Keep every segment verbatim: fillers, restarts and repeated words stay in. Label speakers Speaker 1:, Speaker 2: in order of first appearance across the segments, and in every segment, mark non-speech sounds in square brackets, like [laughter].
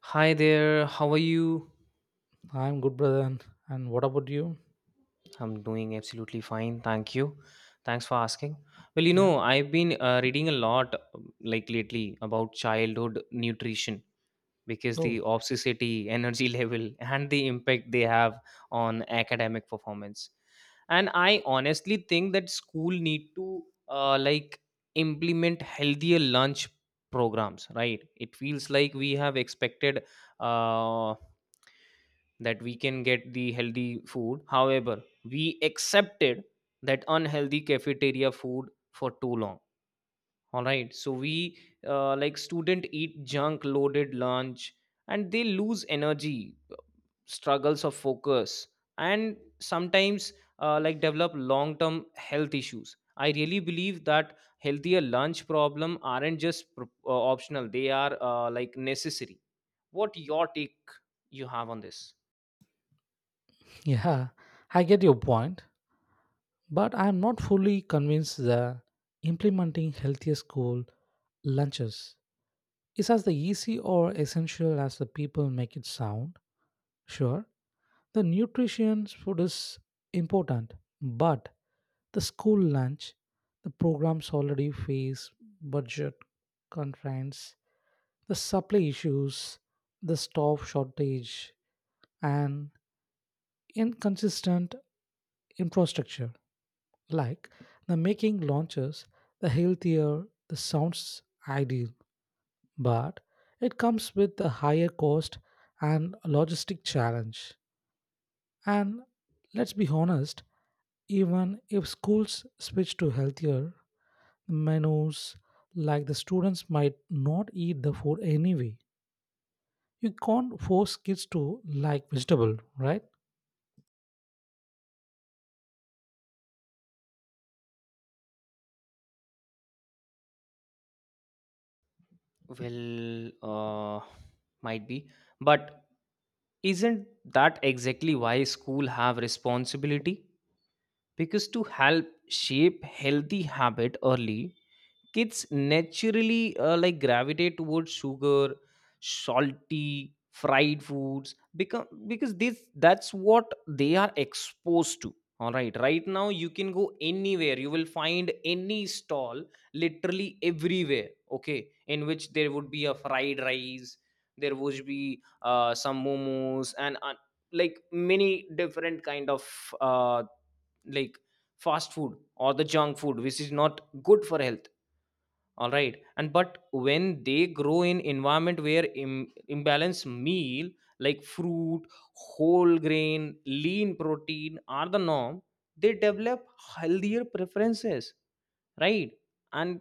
Speaker 1: Hi there, how are you?
Speaker 2: I'm good, brother. And, and what about you?
Speaker 1: I'm doing absolutely fine, thank you. Thanks for asking. Well, you
Speaker 2: Yeah.
Speaker 1: know, I've been uh, reading a lot, um, like lately, about childhood nutrition because
Speaker 2: Oh,
Speaker 1: the obsessity, energy [laughs] level, and the impact they have on academic performance. And I honestly think that school need to uh, like implement healthier lunch programs, right? It feels like we have expected uh, that we can get the healthy food. However, we accepted that unhealthy cafeteria food for too long. All right. So we uh, like student eat junk loaded lunch and they lose energy, struggles of focus, and sometimes uh, like develop long term health issues. I really believe that healthier lunch problem aren't just pro- uh, optional; they are uh, like necessary. What your take you have on this?
Speaker 2: yeah. I get your point, but I'm not fully convinced that implementing healthier school lunches is as the easy or essential as the people make it sound. Sure, the nutrition food is important, but the school lunch, the programs already face budget constraints, the supply issues, the staff shortage, and inconsistent infrastructure, like the making launches the healthier the sounds ideal, but it comes with a higher cost and logistic challenge. And let's be honest, even if schools switch to healthier menus, like the students might not eat the food anyway. You can't force kids to like vegetable, right?
Speaker 1: Well, uh, might be, but isn't that exactly why school have responsibility? Because to help shape healthy habit early, kids naturally uh, like gravitate towards sugar, salty fried foods become because this that's what they are exposed to. All right, right now you can go anywhere, you will find any stall literally everywhere, okay, in which there would be a fried rice, there would be uh, some momos and uh, like many different kind of uh, like fast food or the junk food which is not good for health. All right, and but when they grow in environment where Im- imbalanced meal like fruit, whole grain, lean protein are the norm, they develop healthier preferences, right? And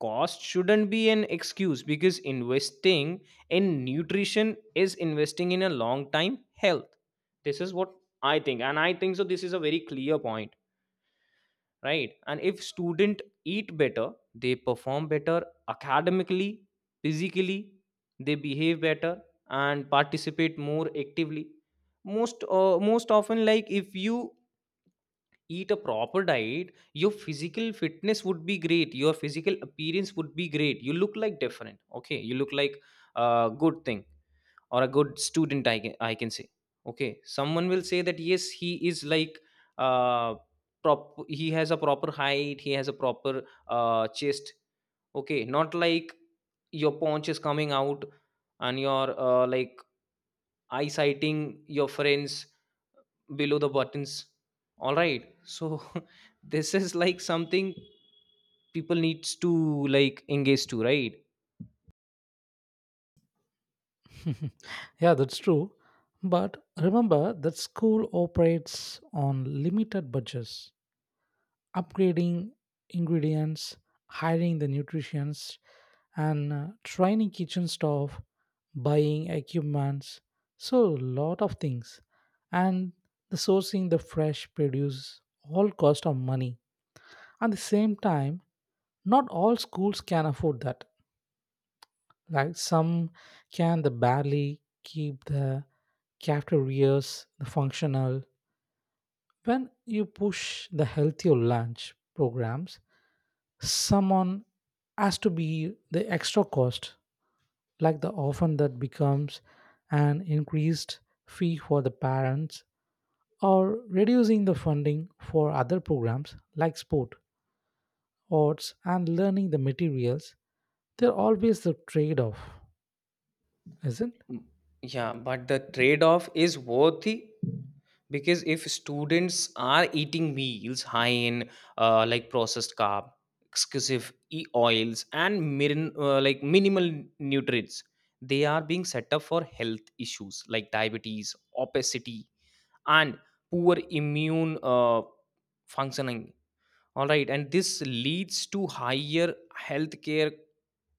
Speaker 1: cost shouldn't be an excuse because investing in nutrition is investing in a long time health. This is what I think, and I think so this is a very clear point. Right, and if student eat better, they perform better academically, physically, they behave better, and participate more actively. Most uh, most often, like if you eat a proper diet, your physical fitness would be great, your physical appearance would be great, you look like different. Okay, you look like a good thing or a good student, i can, I can say. Okay, someone will say that yes, he is like uh prop he has a proper height, he has a proper uh chest. Okay, not like your paunch is coming out and your uh, like eye sighting, your friends below the buttons. All right, so [laughs] this is like something people needs to like engage to, right?
Speaker 2: [laughs] Yeah, that's true. But remember that school operates on limited budgets. Upgrading ingredients, hiring the nutritionists, and uh, training kitchen staff, buying equipments, so a lot of things. And the sourcing the fresh produce all cost of money. At the same time, not all schools can afford that. Like some can the barely keep the cafeterias functional. When you push the healthier lunch programs, someone has to be the extra cost, like the often that becomes an increased fee for the parents or reducing the funding for other programs like sport, arts, and learning the materials. They're always the trade off, isn't?
Speaker 1: Mm, yeah, but the trade off is worthy because if students are eating meals high in uh, like processed carb, exclusive e oils, and mirin, uh, like minimal nutrients, they are being set up for health issues like diabetes, obesity, and poor immune uh, functioning. All right, and this leads to higher healthcare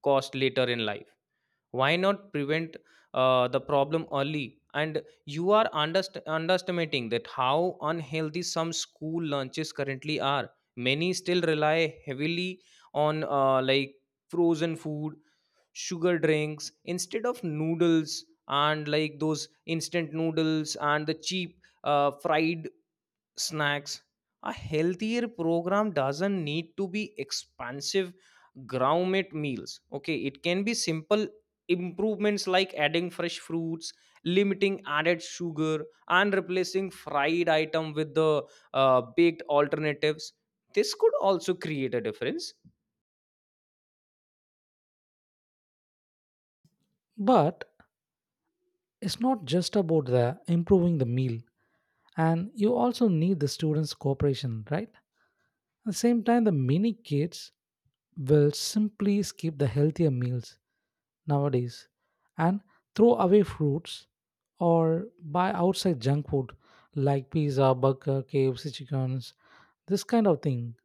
Speaker 1: cost later in life. Why not prevent uh, the problem early? And you are underst- underestimating that how unhealthy some school lunches currently are. Many still rely heavily on uh, like frozen food, sugar drinks instead of noodles, and like those instant noodles and the cheap uh, fried snacks. A healthier program doesn't need to be expansive gourmet meals. Okay, it can be simple improvements like adding fresh fruits, limiting added sugar, and replacing fried item with the uh, baked alternatives. This could also create a difference.
Speaker 2: But it's not just about the improving the meal, and you also need the students' cooperation, right? At the same time, the many kids will simply skip the healthier meals nowadays and throw away fruits or buy outside junk food like pizza, burger, K F C chickens, this kind of thing.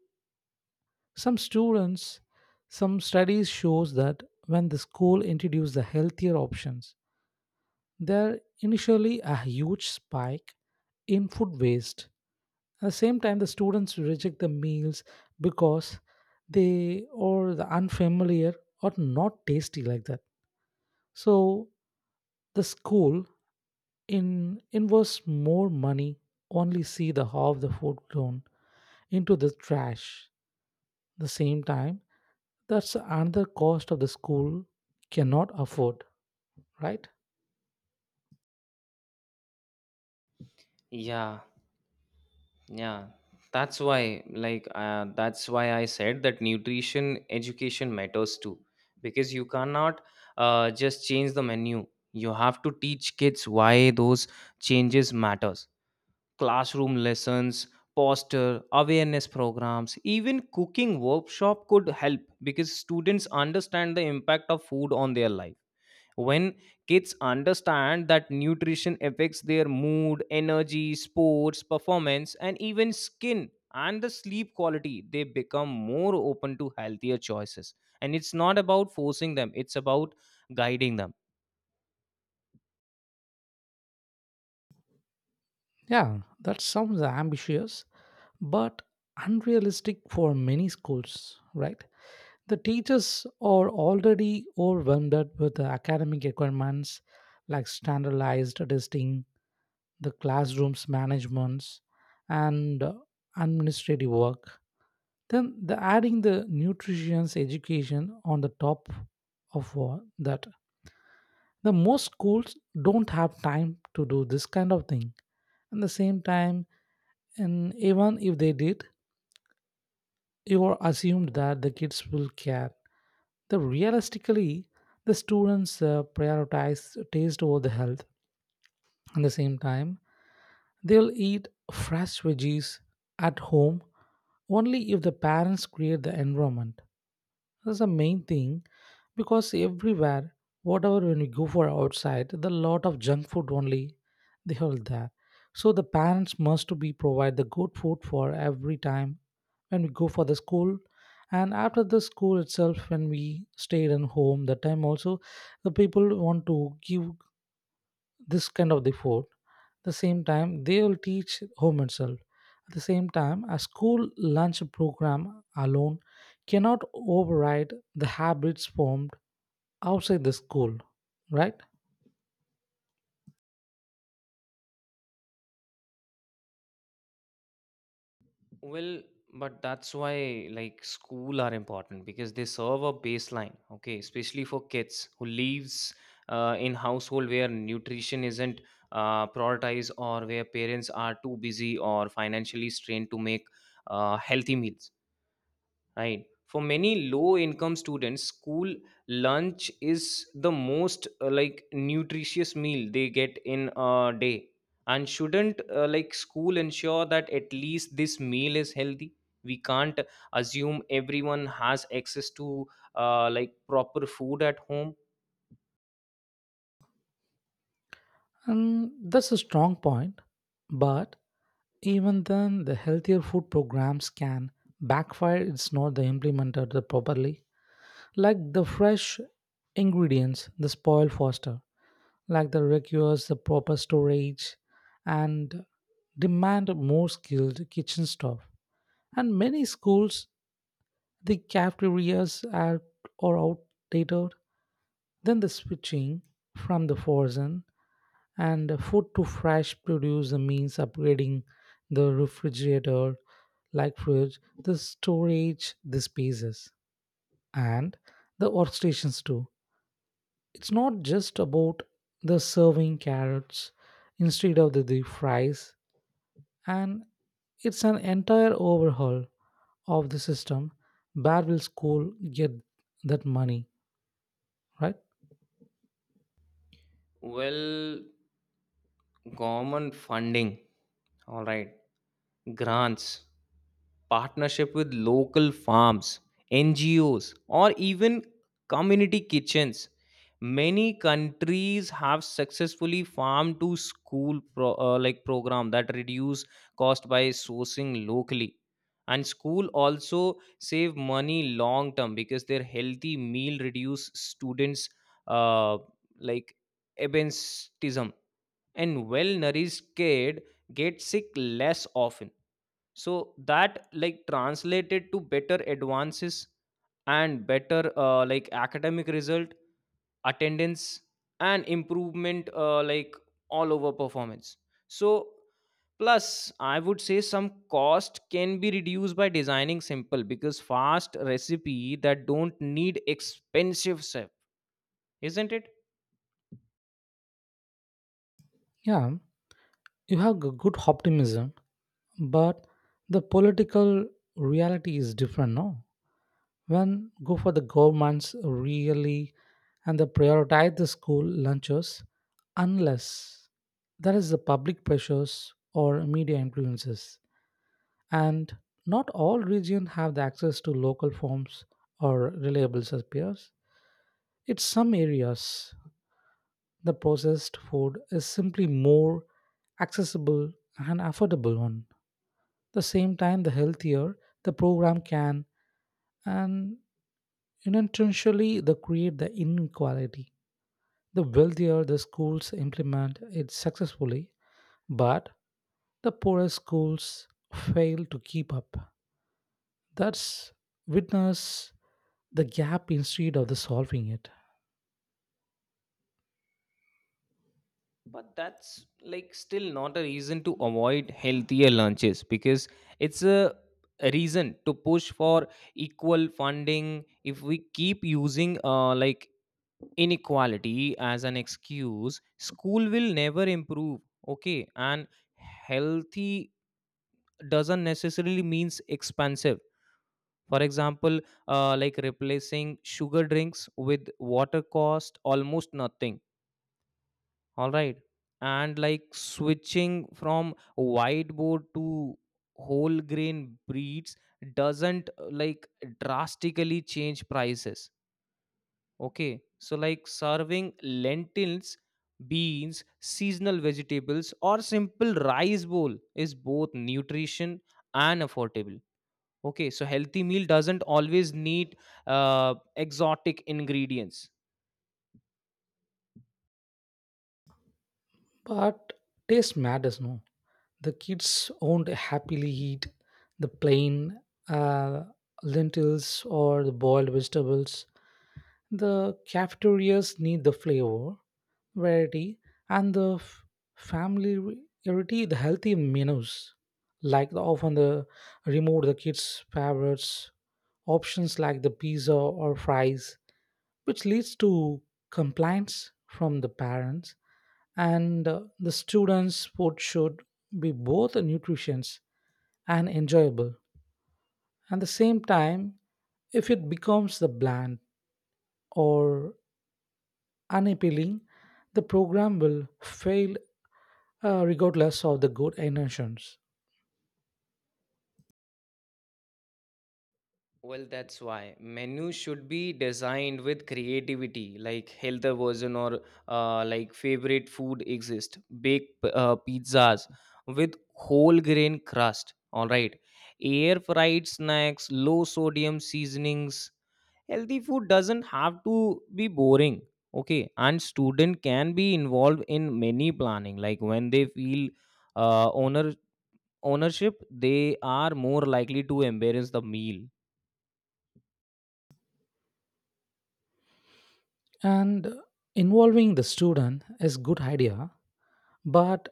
Speaker 2: Some students, some studies shows that when the school introduce the healthier options there initially a huge spike in food waste. At the same time, the students reject the meals because they or the unfamiliar or not tasty like that. So the school in invests more money only see the half the food thrown into the trash. The same time, that's another cost of the school cannot afford, right?
Speaker 1: Yeah, yeah, that's why, like, uh, that's why I said that nutrition education matters too, because you cannot uh, just change the menu. You have to teach kids why those changes matters. Classroom lessons, poster, awareness programs, even cooking workshop could help because students understand the impact of food on their life. When kids understand that nutrition affects their mood, energy, sports performance, and even skin and the sleep quality, they become more open to healthier choices, and it's not about forcing them, it's about guiding them.
Speaker 2: Yeah, that sounds ambitious, but unrealistic for many schools, right? The teachers are already overwhelmed with the academic requirements like standardized testing, the classrooms managements, and uh, administrative work. Then the adding the nutrition's education on the top of uh, that. The most schools don't have time to do this kind of thing. At the same time, and even if they did, you are assumed that the kids will care. The realistically, the students uh, prioritize taste over the health. At the same time, they'll eat fresh veggies at home only if the parents create the environment. That's the main thing because everywhere, whatever when we go for outside, the lot of junk food only they hold there. So the parents must to be provide the good food for every time when we go for the school and after the school itself when we stayed in home that time also the people want to give this kind of the food the same time they will teach home itself at the same time a school lunch program alone cannot override the habits formed outside the school, right?
Speaker 1: Well, but that's why like school are important because they serve a baseline, okay, especially for kids who lives uh, in household where nutrition isn't uh, prioritized, or where parents are too busy or financially strained to make uh, healthy meals. Right. For many low income students, school lunch is the most uh, like nutritious meal they get in a day. And shouldn't uh, like school ensure that at least this meal is healthy? We can't assume everyone has access to uh, like proper food at home.
Speaker 2: And that's a strong point, but even then the healthier food programs can backfire it's not the implemented properly like the fresh ingredients the spoil faster like the requires the proper storage and demand more skilled kitchen staff. And many schools, the cafeterias are, are outdated. Then the switching from the frozen and food to fresh produce means upgrading the refrigerator, like fridge, the storage, the spaces, and the workstations too. It's not just about the serving carrots instead of the, the fries, and it's an entire overhaul of the system. Where will school get that money, right?
Speaker 1: Well, government funding. All right. Grants, partnership with local farms, N G Os, or even community kitchens. Many countries have successfully farm to school pro- uh, like program that reduce cost by sourcing locally, and school also save money long term because their healthy meal reduce students uh, like absenteeism, and well nourished kid get sick less often, so that like translated to better advances and better uh, like academic result, attendance, and improvement uh, like all over performance. So plus I would say some cost can be reduced by designing simple because fast recipe that don't need expensive stuff, isn't it?
Speaker 2: Yeah, you have g- good optimism, but the political reality is different, no. When go for the governments really and they prioritize the school lunches unless there is the public pressures or media influences, and not all regions have the access to local farms or reliable suppliers. In some areas, the processed food is simply more accessible and affordable one. The same time, the healthier the program can and unintentionally they create the inequality. The wealthier the schools implement it successfully, but the poorer schools fail to keep up. That's witness the gap instead of the solving it.
Speaker 1: But that's like still not a reason to avoid healthier lunches because it's a a reason to push for equal funding. If we keep using uh, like inequality as an excuse, school will never improve. Okay, and healthy doesn't necessarily means expensive. For example, uh, like replacing sugar drinks with water cost almost nothing. All right, and like switching from whiteboard to whole grain breeds doesn't uh, like drastically change prices. Okay, so like serving lentils, beans, seasonal vegetables, or simple rice bowl is both nutrition and affordable. Okay, so healthy meal doesn't always need uh, exotic ingredients.
Speaker 2: But taste matters, no. The kids won't happily eat the plain uh, lentils or the boiled vegetables. The cafeterias need the flavor, variety, and the f- familiarity, the healthy menus. Like the, often the remove the kids' favorites options like the pizza or fries, which leads to complaints from the parents and uh, the students sport should be both nutritious and enjoyable at the same time. If it becomes the bland or unappealing the program will fail uh, regardless of the good intentions.
Speaker 1: Well, that's why menu should be designed with creativity, like healthier version or uh, like favorite food exist. Bake p- uh, pizzas with whole grain crust. All right, air fried snacks, low sodium seasonings. Healthy food doesn't have to be boring. Okay, and student can be involved in many planning. Like when they feel uh, owner ownership, they are more likely to embrace the meal.
Speaker 2: And involving the student is good idea, but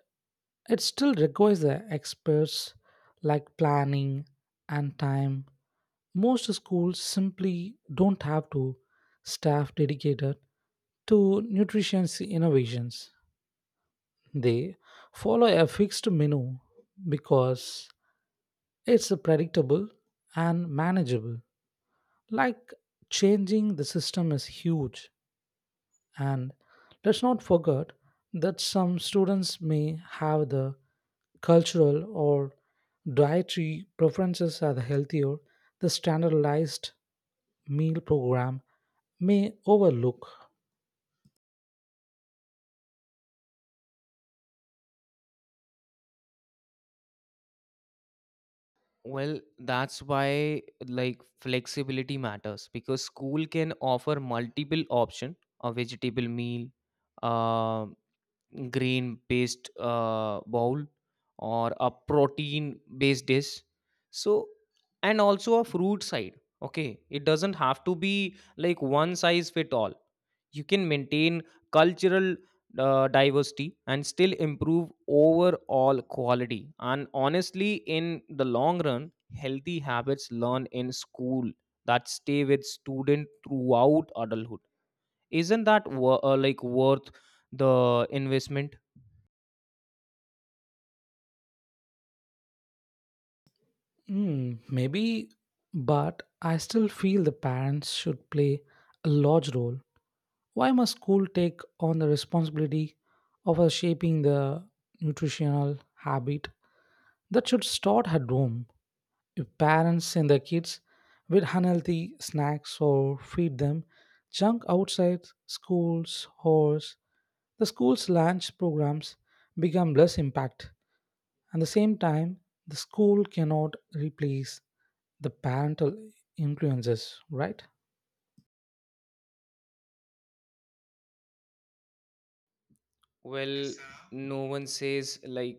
Speaker 2: it still requires the experts like planning and time. Most schools simply don't have to staff dedicated to nutrition innovations. They follow a fixed menu because it's predictable and manageable. Like changing the system is huge, and let's not forget that some students may have the cultural or dietary preferences are healthier the standardized meal program may overlook.
Speaker 1: Well, that's why like flexibility matters because school can offer multiple option, a vegetable meal, um grain based uh, bowl, or a protein based dish, so and also a fruit side. Okay, it doesn't have to be like one size fit all, you can maintain cultural uh, diversity and still improve overall quality. And honestly, in the long run, healthy habits learned in school that stay with student throughout adulthood, isn't that wor- uh, like worth the investment?
Speaker 2: Hmm, maybe, but I still feel the parents should play a large role. Why must school take on the responsibility of uh, shaping the nutritional habit that should start at home? If parents send their kids with unhealthy snacks or feed them junk outside schools, or the school's lunch programs become less impact. At the same time, the school cannot replace the parental influences, right?
Speaker 1: Well, no one says like.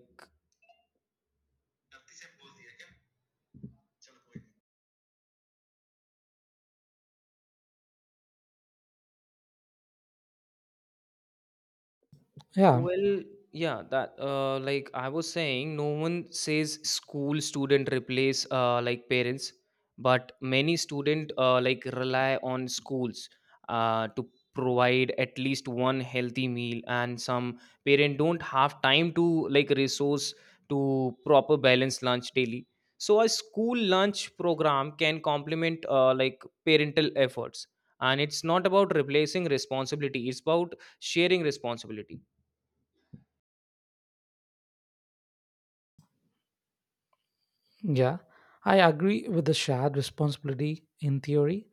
Speaker 2: Yeah,
Speaker 1: Well, yeah, that uh, like I was saying, no one says school student replace uh, like parents, but many student uh, like rely on schools uh, to provide at least one healthy meal, and some parent don't have time to like resource to proper balanced lunch daily. So a school lunch program can complement uh, like parental efforts, and it's not about replacing responsibility; it's about sharing responsibility.
Speaker 2: yeah. I agree with the shared responsibility in theory,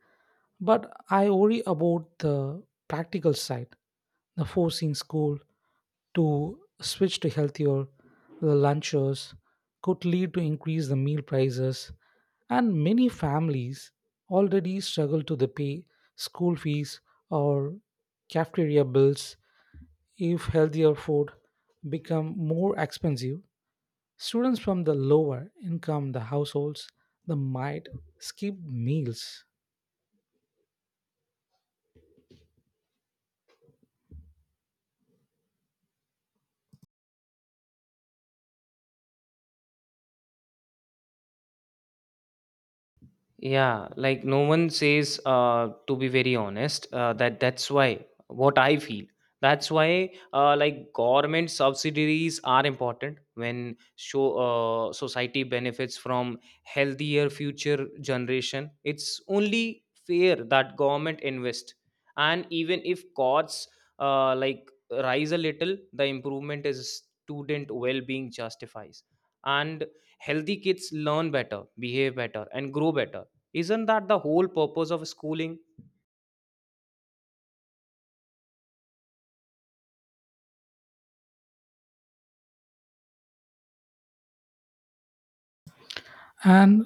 Speaker 2: but I worry about the practical side, the forcing school to switch to healthier lunches could lead to increase the meal prices, and many families already struggle to the pay school fees or cafeteria bills. If healthier food become more expensive, students from the lower income the households they might skip meals.
Speaker 1: Yeah, like no one says, uh, to be very honest, uh, that that's why what I feel. That's why, uh, like government subsidiaries are important when show uh, society benefits from healthier future generation. It's only fair that government invest, and even if costs uh, like rise a little, the improvement is student well-being justifies, and healthy kids learn better, behave better, and grow better. Isn't that the whole purpose of schooling?
Speaker 2: And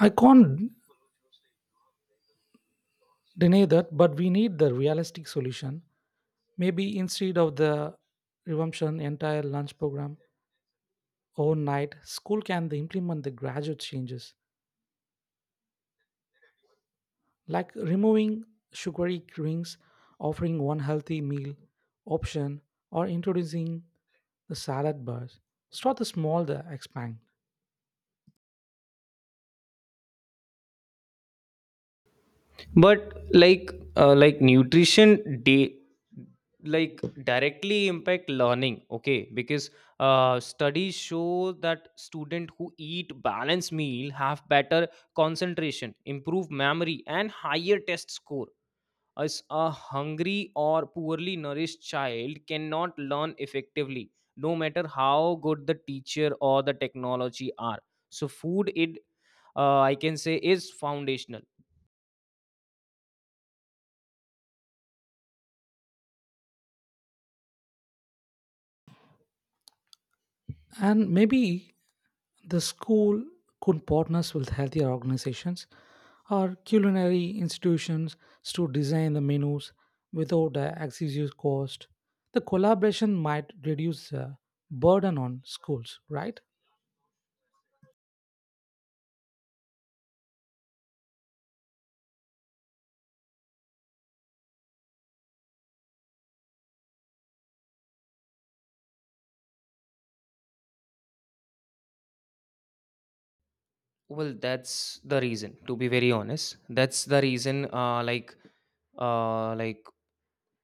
Speaker 2: I can't deny that, but we need the realistic solution. Maybe instead of the resumption entire lunch program overnight, school can they implement the gradual changes like removing sugary drinks, offering one healthy meal option, or introducing the salad bars. Start the small, the expand.
Speaker 1: But like uh, like nutrition day, like directly impact learning. Okay, because uh, studies show that student who eat balanced meal have better concentration, improved memory, and higher test score. As a hungry or poorly nourished child cannot learn effectively, no matter how good the teacher or the technology are. So food, it uh, I can say, is foundational.
Speaker 2: And maybe the school could partners with healthier organizations or culinary institutions to design the menus without the excessive cost. The collaboration might reduce the burden on schools, right?
Speaker 1: Well, that's the reason. To be very honest, that's the reason. Uh, like, uh, like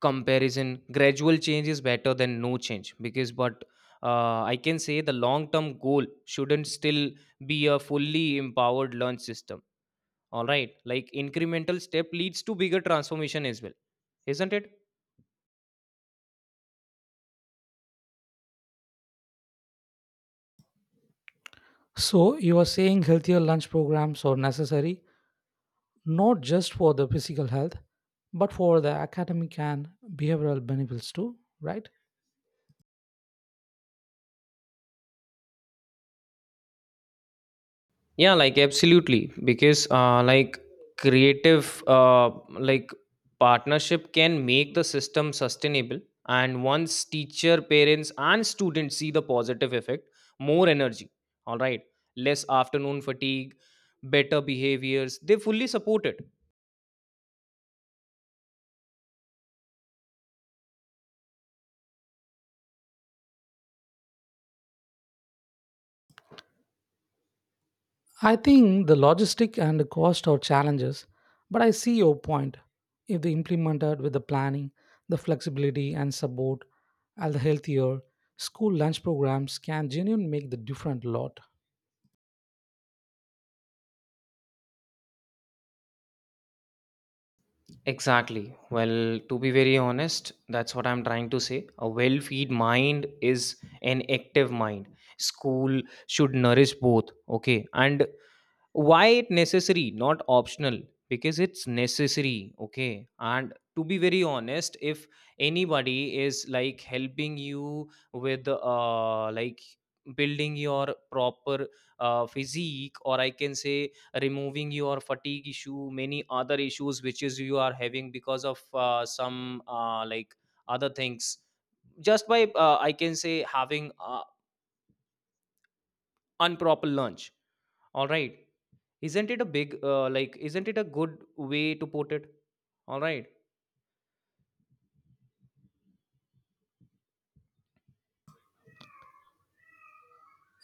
Speaker 1: comparison, gradual change is better than no change because, but uh, I can say the long term goal shouldn't still be a fully empowered learn system. All right, like incremental step leads to bigger transformation as well, isn't it?
Speaker 2: So you are saying healthier lunch programs are necessary not just for the physical health, but for the academic and behavioral benefits too, right?
Speaker 1: Yeah, like absolutely, because uh, like creative uh, like partnership can make the system sustainable, and once teacher, parents, and students see the positive effect, more energy. All right, less afternoon fatigue, better behaviors. They fully support it.
Speaker 2: I think the logistic and the cost are challenges, but I see your point. If they implemented with the planning, the flexibility and support, and the healthier school lunch programs can genuinely make the different lot.
Speaker 1: Exactly. Well, to be very honest, that's what I'm trying to say. A well feed mind is an active mind. School should nourish both, okay? And why it necessary not optional, because it's necessary. Okay, and to be very honest, if anybody is like helping you with uh like building your proper uh, physique, or I can say removing your fatigue issue, many other issues which is you are having because of uh, some uh, like other things, just by uh, I can say having uh, improper lunch. All right. Isn't it a big, uh, like, isn't it a good way to put it? All right.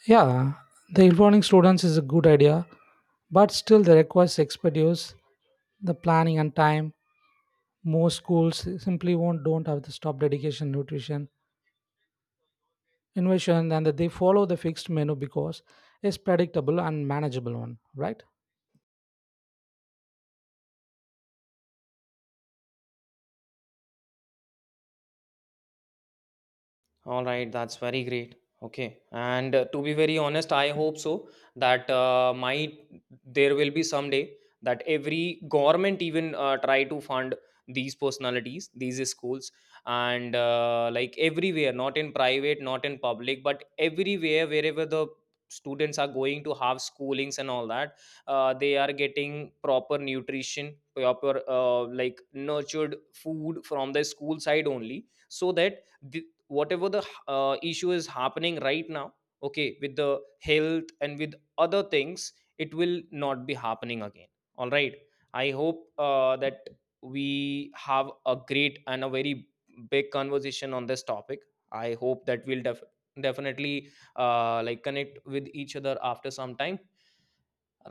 Speaker 2: Yeah, the electronic students is a good idea, but still the requires expertise, the planning and time. Most schools simply won't don't have the stop dedication, nutrition, innovation, and that they follow the fixed menu because it's predictable and manageable one, right?
Speaker 1: All right, that's very great. Okay, and uh, to be very honest, I hope so that uh, might there will be someday that every government even uh, try to fund these personalities, these schools, and uh, like everywhere, not in private, not in public, but everywhere, wherever the students are going to have schoolings and all that, uh, they are getting proper nutrition, proper uh, like nurtured food from the school side only, so that th- whatever the uh, issue is happening right now, okay, with the health and with other things, it will not be happening again. All right, I hope uh, that we have a great and a very big conversation on this topic. I hope that we'll def- definitely uh, like connect with each other after some time.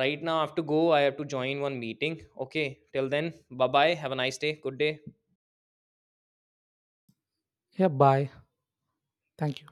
Speaker 1: Right now I have to go, I have to join one meeting. Okay, till then, bye bye, have a nice day, good day.
Speaker 2: Yeah, bye. Thank you.